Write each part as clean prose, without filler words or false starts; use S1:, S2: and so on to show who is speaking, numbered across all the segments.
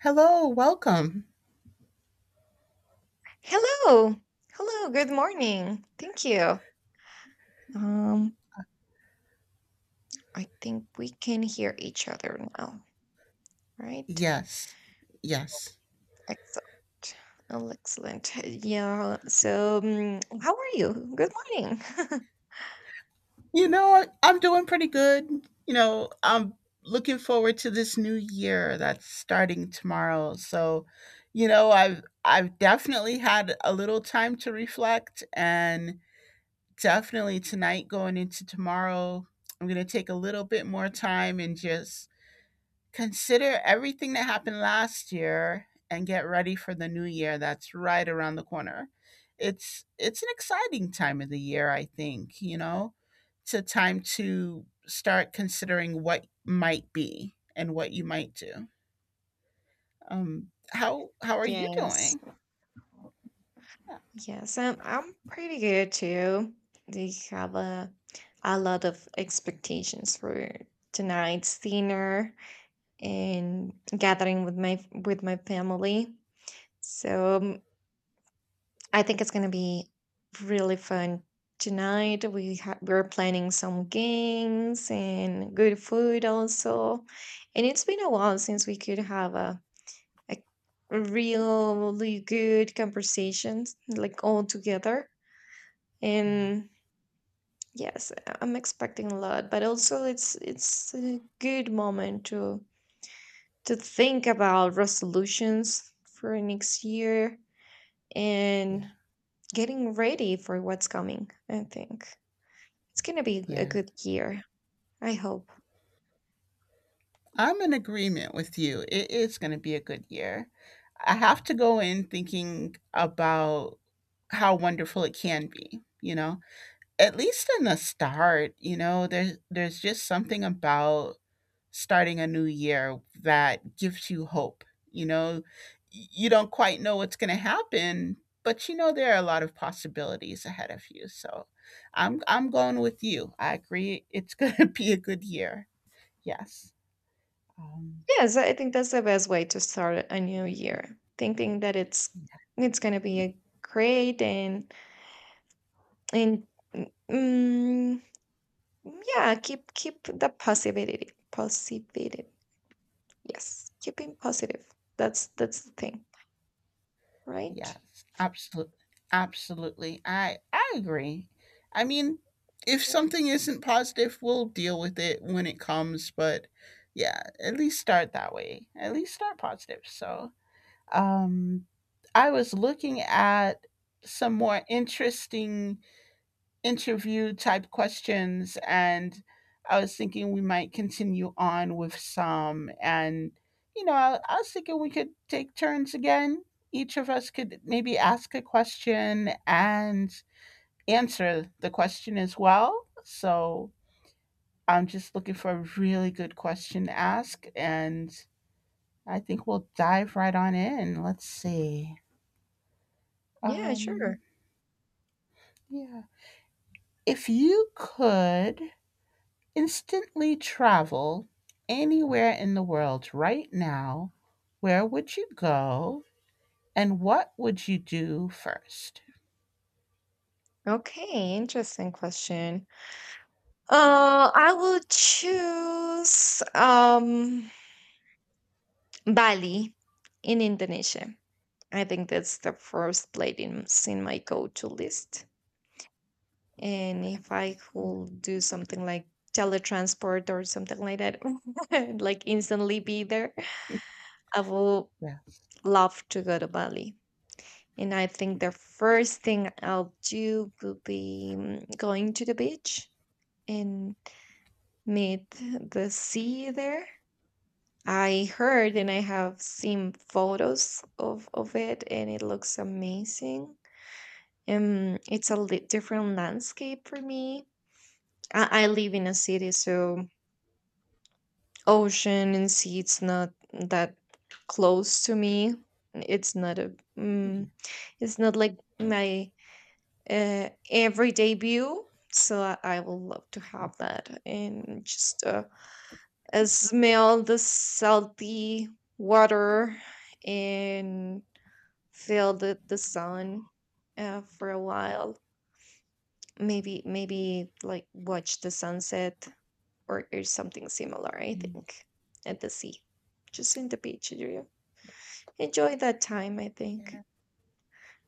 S1: Hello, welcome.
S2: Hello. Hello. Good morning. Thank you. Um, I think we can hear each other now, right?
S1: Yes. Yes.
S2: Excellent. Oh, excellent. Yeah. So, how are you? Good morning.
S1: You know what? I'm doing pretty good. You know, I'm looking forward to this new year that's starting tomorrow. So, you know, I've definitely had a little time to reflect and definitely tonight going into tomorrow, I'm going to take a little bit more time and just consider everything that happened last year and get ready for the new year that's right around the corner. It's an exciting time of the year, I think, you know. It's a time to start considering what might be and what you might do. How are you
S2: Yes.
S1: doing?
S2: Yes. I'm pretty good too. They have a lot of expectations for tonight's dinner and gathering with my family. So, I think it's going to be really fun tonight. We're planning some games and good food also. And it's been a while since we could have a really good conversations like all together.
S1: Yeah.
S2: And yes, I'm expecting a lot, but also it's a good moment to think about resolutions for next year
S1: Yeah.
S2: and getting ready for what's coming, I think. It's gonna be a
S1: Yeah.
S2: good year, I hope.
S1: I'm in agreement with you. It is going to be a good year. I have to go in thinking about how wonderful it can be, you know? At least in the start, you know, there's just something about starting a new year that gives you hope. You know, you don't quite know what's going to happen, but you know there are a lot of possibilities ahead of you. So, I'm going with you. I agree. It's going to be a good year. Yes. Um,
S2: Yes, I think that's the best way to start a new year, thinking that it's gonna be a great and and mm, yeah, keep the positivity. Yes, keeping positive. That's the thing, right?
S1: yes, absolutely, absolutely. I agree. I mean, if
S2: Yeah.
S1: something isn't positive, we'll deal with it when it comes. But yeah, at least start that way. At least start positive. So, um, I was looking at some more interesting interview type questions and I was thinking we might continue on with some, and I was thinking we could take turns again. Each of us could maybe ask a question and answer the question as well. So I'm just looking for a really good question to ask, and I think we'll dive right on in. Let's see.
S2: Yeah, sure.
S1: um yeah, if you could instantly travel anywhere in the world right now, where would you go and what would you do first?
S2: Okay, interesting question. I will choose Bali in Indonesia. I think that's the first place in my go to list. And if I could do something like teletransport or something like that, like instantly be there, I would
S1: Yes.
S2: love to go to Bali. And I think the first thing I'll do will be going to the beach and meet the sea there. I heard and I have seen photos of it, and it looks amazing. It's a different landscape for me. I live in a city, so ocean and sea it's not that close to me. It's not a mm, it's not like my everyday view. So I would love to have that and just smell the salty water and feel the sun for a while. Maybe like watch the sunset , or something similar. I think at the sea, just in the beach area. Enjoy that time. I
S1: Yeah,
S2: think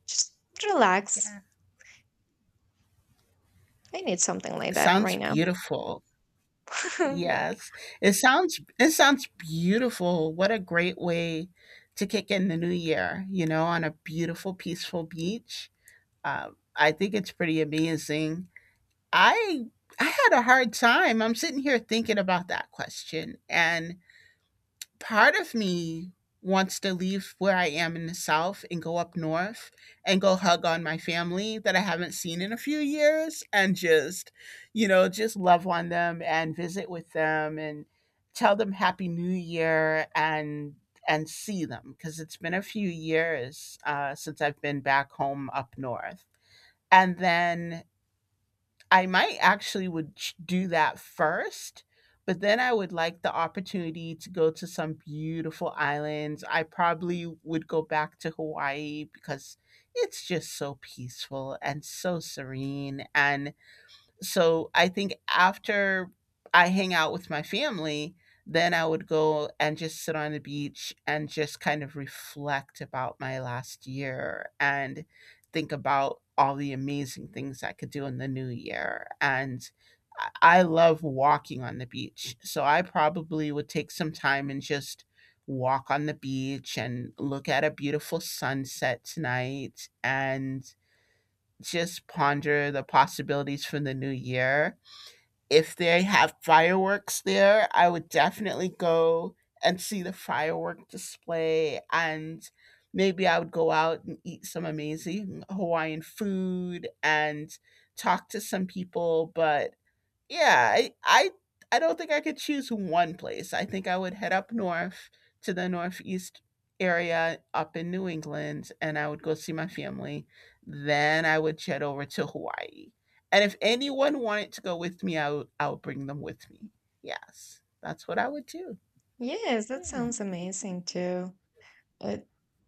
S2: just relax.
S1: yeah.
S2: I need something like that
S1: Sounds
S2: right now.
S1: beautiful.
S2: Yeah.
S1: Yes. It sounds beautiful. What a great way to kick in the new year, you know, on a beautiful, peaceful beach. I think it's pretty amazing. I I had a hard time. I'm sitting here thinking about that question, and part of me wants to leave where I am in the south and go up north and go hug on my family that I haven't seen in a few years and just, you know, just love on them and visit with them and tell them happy new year and see them because it's been a few years since I've been back home up north. And then I might actually would do that first, but then I would like the opportunity to go to some beautiful islands. I probably would go back to Hawaii because it's just so peaceful and so serene. And so I think after I hang out with my family, then I would go and just sit on the beach and just kind of reflect about my last year and think about all the amazing things I could do in the new year. And I love walking on the beach. So I probably would take some time and just walk on the beach and look at a beautiful sunset tonight and just ponder the possibilities for the new year. If they have fireworks there, I would definitely go and see the firework display, and maybe I would go out and eat some amazing Hawaiian food and talk to some people. But yeah, I I don't think I could choose one place. I think I would head up north to the northeast area up in New England, and I would go see my family. Then I would jet over to Hawaii. And if anyone wanted to go with me, I would bring them with me. Yes. That's what I would do.
S2: Yes, that
S1: Yeah.
S2: sounds amazing too. Uh,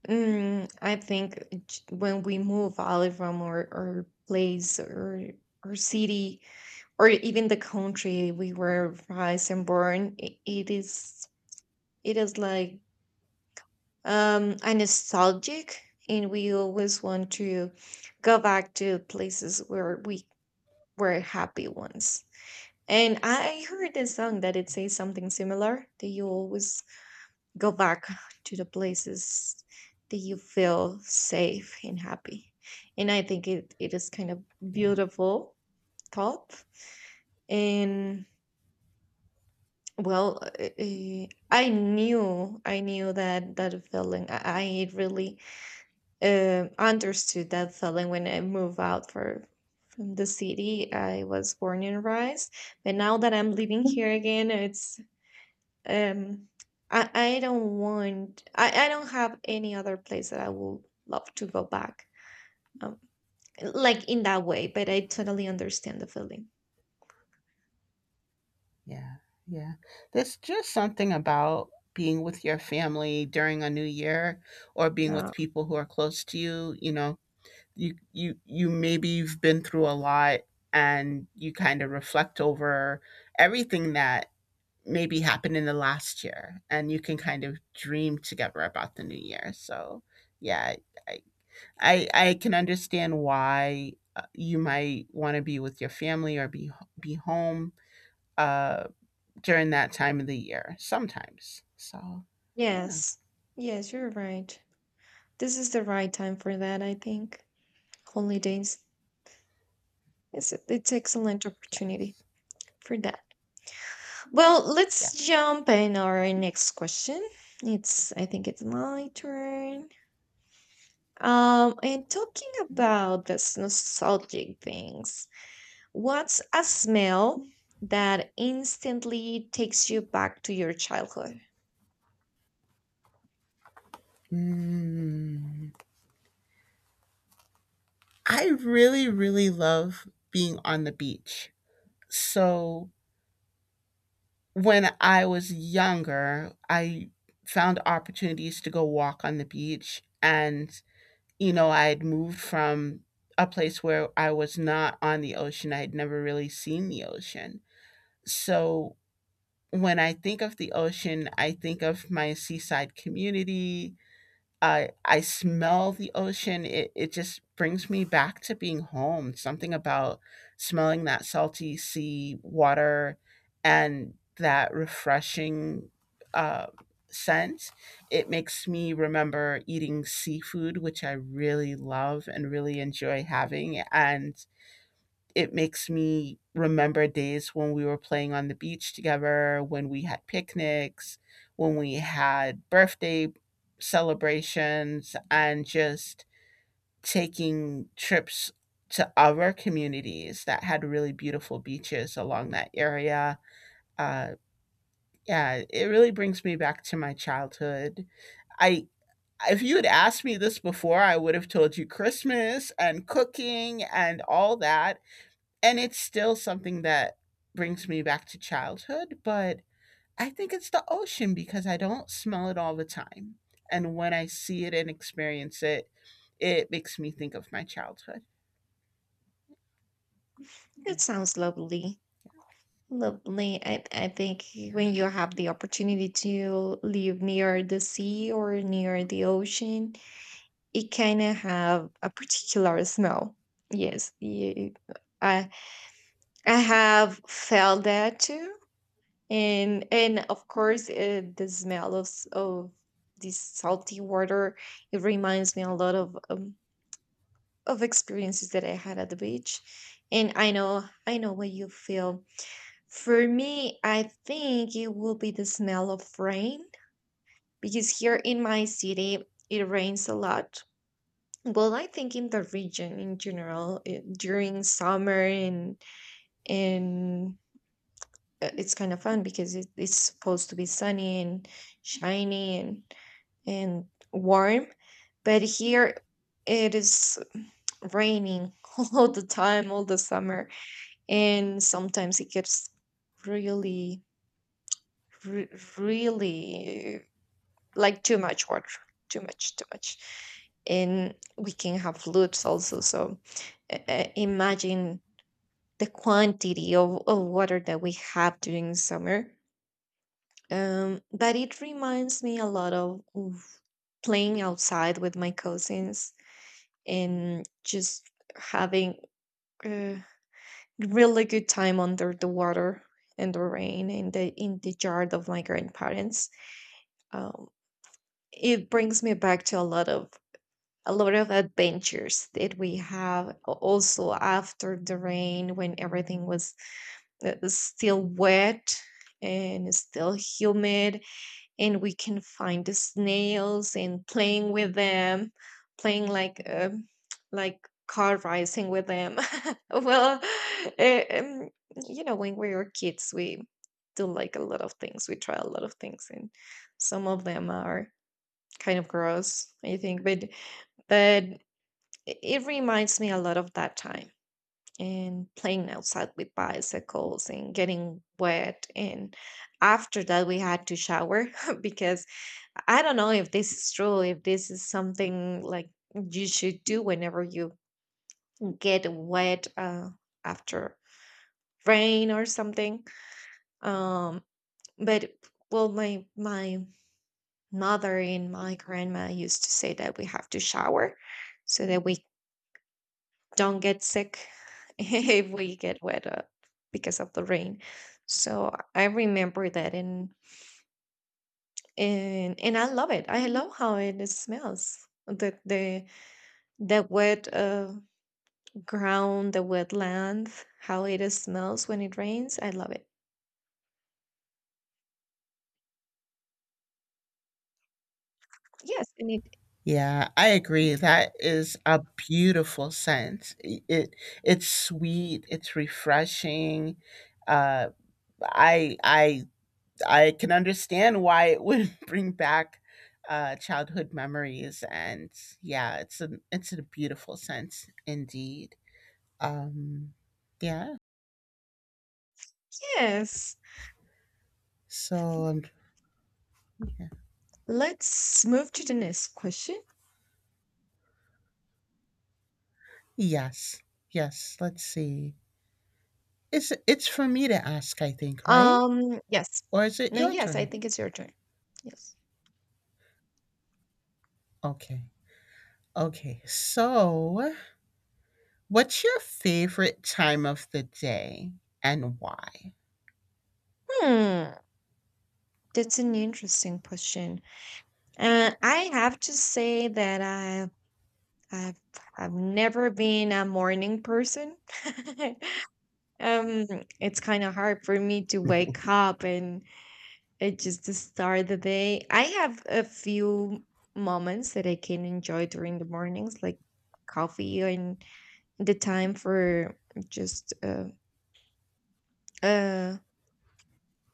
S2: I think when we move out from our place or our city, or even the country we were raised and born, it is, it is like a nostalgic, and we always want to go back to places where we were happy once. And I heard a song that it says something similar, that you always go back to the places that you feel safe and happy, and I think it is kind of
S1: Yeah.
S2: beautiful thought. And well, I knew that that feeling. I really understood that feeling when I moved out for from the city I was born and raised, but now that I'm living here again, it's um, I don't have any other place that I would love to go back, um, like in that way. But I totally understand the feeling.
S1: Yeah. Yeah. There's just something about being with your family during a new year or being with
S2: Yeah.
S1: people who are close to you, you know, you maybe you've been through a lot, and you kind of reflect over everything that maybe happened in the last year, and you can kind of dream together about the new year. So yeah, i I can understand why you might want to be with your family or be home uh during that time of the year sometimes. So yeah.
S2: Yes, yes, you're right. This is the right time for that, I think. Holidays. It's excellent opportunity
S1: Yes.
S2: for that. Well, let's
S1: Yes.
S2: jump in our next question. It's I think it's my turn. And talking
S1: Mhm.
S2: about this nostalgic things, what's a smell that instantly takes you back to your childhood?
S1: Mm. I really, really love being on the beach. So when I was younger, I found opportunities to go walk on the beach. And, you know, I had moved from a place where I was not on the ocean. I had never really seen the ocean. So when I think of the ocean, I think of my seaside community. I smell the ocean. It just brings me back to being home. Something about smelling that salty sea water and that refreshing uh, scent. It makes me remember eating seafood, which I really love and really enjoy having, and it makes me remember days when we were playing on the beach together, when we had picnics, when we had birthday celebrations, and just taking trips to other communities that had really beautiful beaches along that area. Uh, yeah, it really brings me back to my childhood. I If you had asked me this before, I would have told you Christmas and cooking and all that, and it's still something that brings me back to childhood. But I think it's the ocean because I don't smell it all the time. And when I see it and experience it, it makes me think of my childhood.
S2: That sounds lovely. Lovely. I think when you have the opportunity to live near the sea or near the ocean, it kind of have a particular smell. Yes, I I have felt that too, and of course the smell of of this salty water, it reminds me a lot of experiences that I had at the beach, and I know what you feel. For me, I think it will be the smell of rain because here in my city it rains a lot. Well, I think in the region in general, during summer, and and it's kind of fun because it's supposed to be sunny and shiny and and warm. But here it is raining all the time, all the summer, and sometimes it gets really, re- really like too much water, too much, too much. And we can have floods also. So imagine the quantity of water that we have during summer. But it reminds me a lot of playing outside with my cousins and just having a really good time under the water and the rain in the yard of my grandparents. Um, it brings me back to a lot of adventures that we have also after the rain when everything was still wet and still humid, and we can find the snails and playing with them, playing like like car racing with them. Well, eh, um, you know when we were kids, we do like a lot of things, we try a lot of things, and some of them are kind of gross I think, but but it reminds me a lot of that time, and playing outside with bicycles and getting wet, and after that we had to shower because I don't know if this is true, if this is something like you should do whenever you get wet after rain or something. Um but well, my mother and my grandma used to say that we have to shower so that we don't get sick if we get wet because of the rain. So I remember that, and I love it. I love how it smells. The wet ground, the wet land, how it smells when it rains. I love it. Yes, and it
S1: Yeah, I agree. That is a beautiful scent. It it's sweet, it's refreshing. Uh I I I can understand why it would bring back childhood memories, and yeah, it's a beautiful sense indeed. Um, yeah.
S2: yes.
S1: So, um, yeah.
S2: Let's move to the next question.
S1: Yes, yes. Let's see. It's for me to ask, I think, right?
S2: Yes.
S1: Or is it
S2: No,
S1: your
S2: yes, I
S1: turn?
S2: think it's your turn. Yes.
S1: Okay, okay. So, what's your favorite time of the day and why?
S2: Hmm, that's an interesting question. I have to say that I've I've never been a morning person. um, it's kind of hard for me to wake up, and it just to start the day. I have a few moments that I can enjoy during the mornings, like coffee, and the time for just uh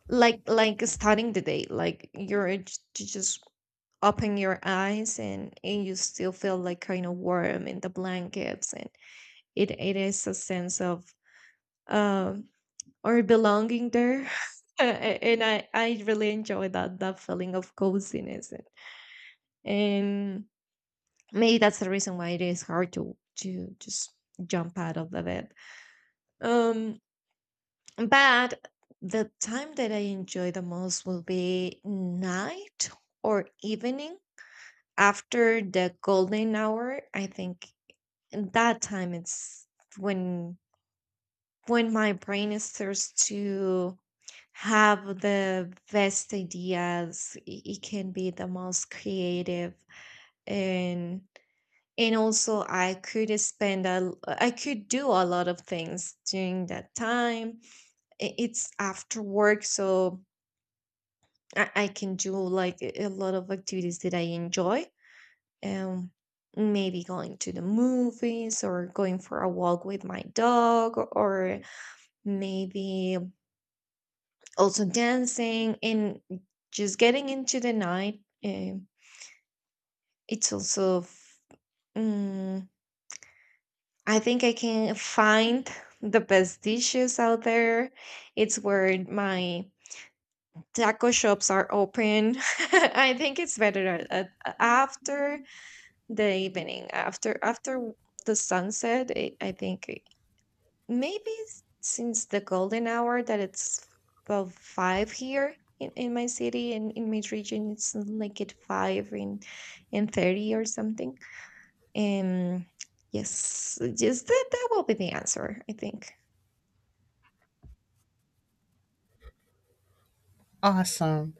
S2: like starting the day, like to just open your eyes, and you still feel like kind of warm in the blankets, and it is a sense of um or belonging there. A- and I really enjoy that feeling of coziness, and and maybe that's the reason why it is hard to just jump out of the bed. Um but the time that I enjoy the most will be night or evening after the golden hour, I think. And that time, it's when my brain starts to have the best ideas, it can be the most creative, and also I could spend a I could do a lot of things during that time. It's after work, so I can do like a lot of activities that I enjoy. Um maybe going to the movies or going for a walk with my dog, or maybe also dancing and just getting into the night. It's also, mm, I think I can find the best dishes out there. It's where my taco shops are open. I think it's better after the evening, after the sunset. I think maybe since the golden hour that it's about five here in my city and in my region, it's like at five and 30 or something. Um, yes, just that will be the answer, I think.
S1: Awesome.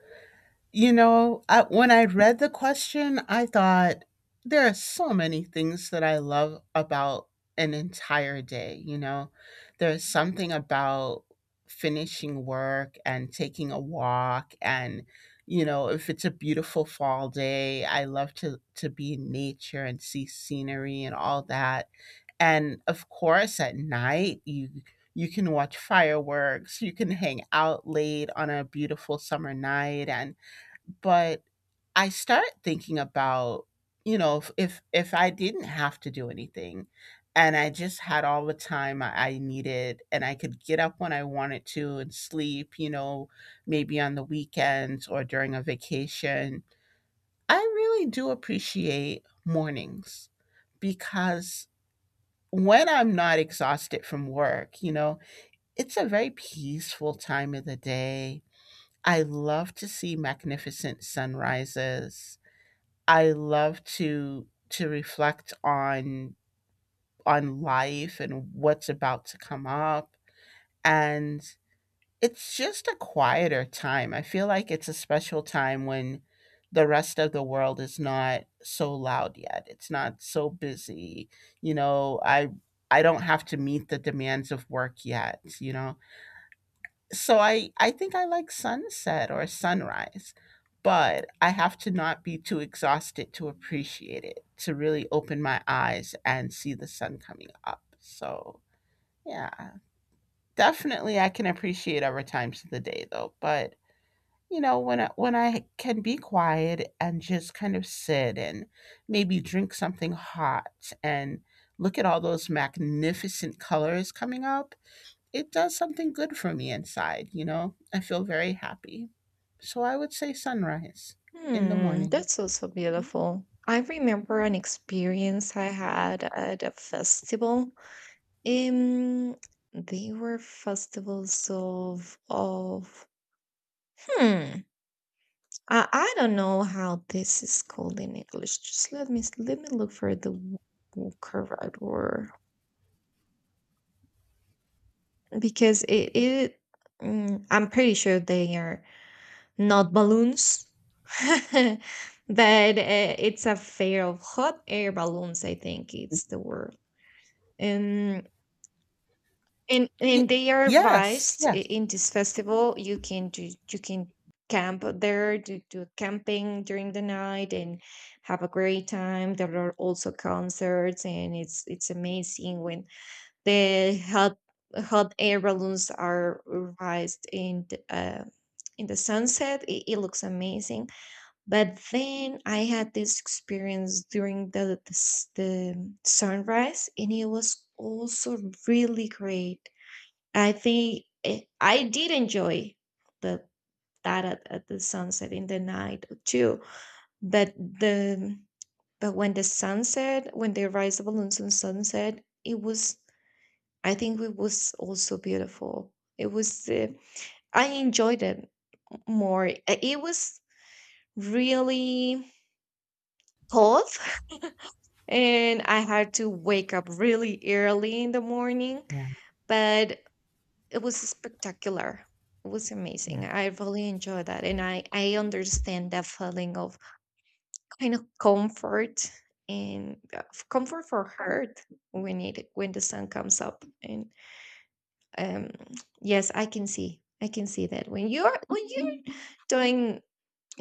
S1: You know, when I read the question, I thought there are so many things that I love about an entire day. You know, there's something about finishing work and taking a walk. And, you know, if it's a beautiful fall day, I love to be in nature and see scenery and all that. And of course at night, you can watch fireworks, you can hang out late on a beautiful summer night. And but I start thinking about, you know, if if I didn't have to do anything and I just had all the time I needed, and I could get up when I wanted to and sleep, you know, maybe on the weekends or during a vacation, I really do appreciate mornings because when I'm not exhausted from work, you know, it's a very peaceful time of the day. I love to see magnificent sunrises. I love to reflect on life and what's about to come up. And it's just a quieter time. I feel like it's a special time when the rest of the world is not so loud yet. It's not so busy. You know, I don't have to meet the demands of work yet. You know, so I think I like sunset or sunrise, but I have to not be too exhausted to appreciate it, to really open my eyes and see the sun coming up. So, yeah. Definitely I can appreciate other times of the day though. But, you know, when I can be quiet and just kind of sit and maybe drink something hot and look at all those magnificent colors coming up, it does something good for me inside, you know? I feel very happy. So I would say sunrise in the
S2: Hmm,
S1: morning.
S2: that's also
S1: Mhm.
S2: beautiful. I remember an experience I had at a festival. Um, they were festivals of hmm. I don't know how this is called in English. Just let me look for the correct word, because I'm pretty sure they are not balloons, but it's a fair of hot air balloons. I think it's the word. Um. And
S1: Y-
S2: they are
S1: yes,
S2: advised,
S1: yes.
S2: in this festival you can do, you can camp there, do, do camping during the night and have a great time. There are also concerts, and it's amazing when the hot air balloons are raised in the sunset. It looks amazing. But then I had this experience during the sunrise, and it was also really great. I think I did enjoy the that at the sunset in the night too. But the but when the sunset, when they rise the balloons and sunset, it was, I think it was also beautiful. It was I enjoyed it more. It was really cold, and I had to wake up really early in the morning.
S1: Yeah,
S2: But it was spectacular. It was amazing.
S1: yeah,
S2: I really enjoyed that. And I understand that feeling of kind of comfort and comfort for her when it when the sun comes up. And um, yes, I can see. I can see that when you're doing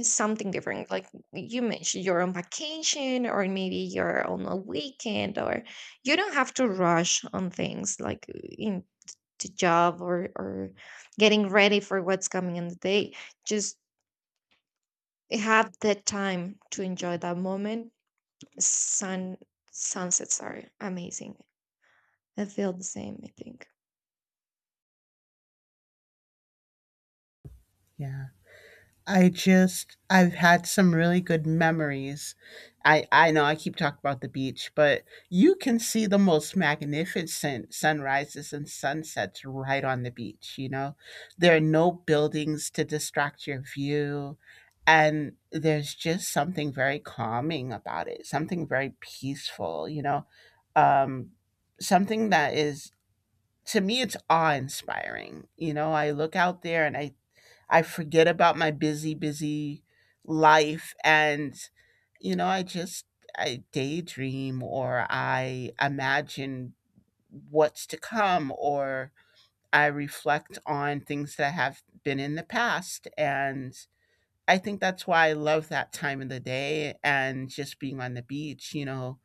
S2: something different, like you mentioned, you're on vacation or maybe you're on a weekend or you don't have to rush on things like in the job or getting ready for what's coming in the day, just have that time to enjoy that moment. sun Sunsets are amazing. I feel the same, I think.
S1: yeah. I just I've had some really good memories. I know I keep talking about the beach, but you can see the most magnificent sunrises and sunsets right on the beach, you know. There are no buildings to distract your view, and there's just something very calming about it, something very peaceful, you know. Um, something that is, to me, it's awe-inspiring. You know, I look out there, and I forget about my busy, busy life. And, you know, I just I daydream or I imagine what's to come, or I reflect on things that have been in the past. And I think that's why I love that time of the day and just being on the beach, you know.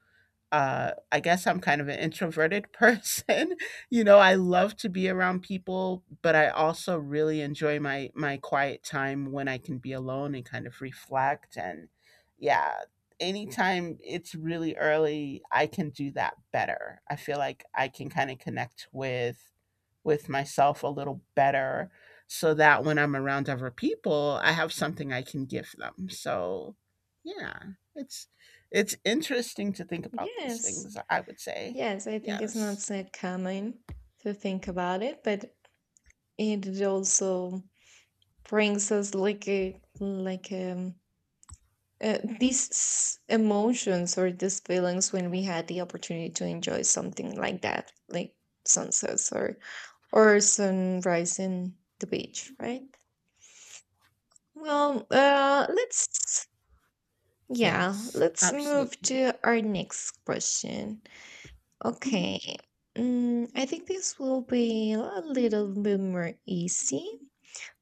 S1: Uh, I guess I'm kind of an introverted person. You know, I love to be around people, but I also really enjoy my quiet time when I can be alone and kind of reflect. And yeah, anytime it's really early, I can do that better. I feel like I can kind of connect with myself a little better, so that when I'm around other people, I have something I can give them. So, yeah, it's it's interesting to think about these
S2: Yes.
S1: things, I would say.
S2: Yes, I think it's not
S1: Yes.
S2: so common to think about it, but it also brings us like a these emotions or these feelings when we had the opportunity to enjoy something like that, like sunsets or sunrise in the beach, right? Well, yeah,
S1: Yes.
S2: let's move
S1: Absolutely.
S2: to our next question. Mhm. Okay. I think this will be a little bit more easy.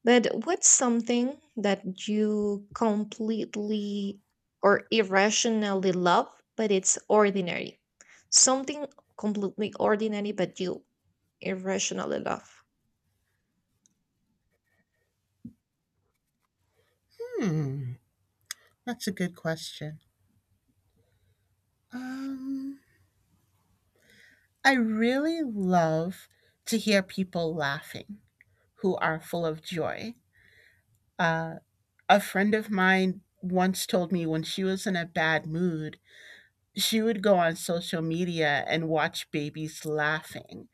S2: But what's something that you completely or irrationally love, but it's ordinary? Something completely ordinary, but you irrationally love.
S1: Hmm. That's a good question. Um, I really love to hear people laughing who are full of joy. Uh, a friend of mine once told me when she was in a bad mood, she would go on social media and watch babies laughing.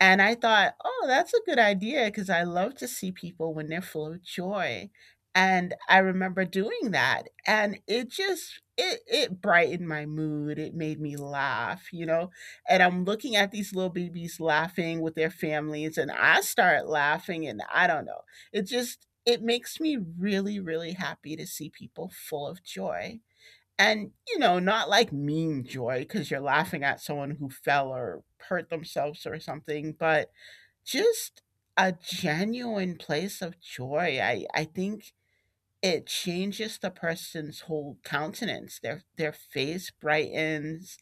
S1: And I thought, oh, that's a good idea, because I love to see people when they're full of joy. And I remember doing that. And it just, it brightened my mood. It made me laugh, you know. And I'm looking at these little babies laughing with their families, and I start laughing. And I don't know. It just, it makes me really, really happy to see people full of joy. And, you know, not like mean joy because you're laughing at someone who fell or hurt themselves or something, but just a genuine place of joy. I think it changes the person's whole countenance. Their face brightens.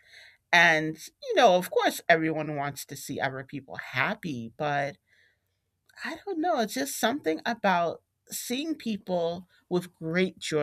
S1: And, you know, of course everyone wants to see other people happy, but I don't know, it's just something about seeing people with great joy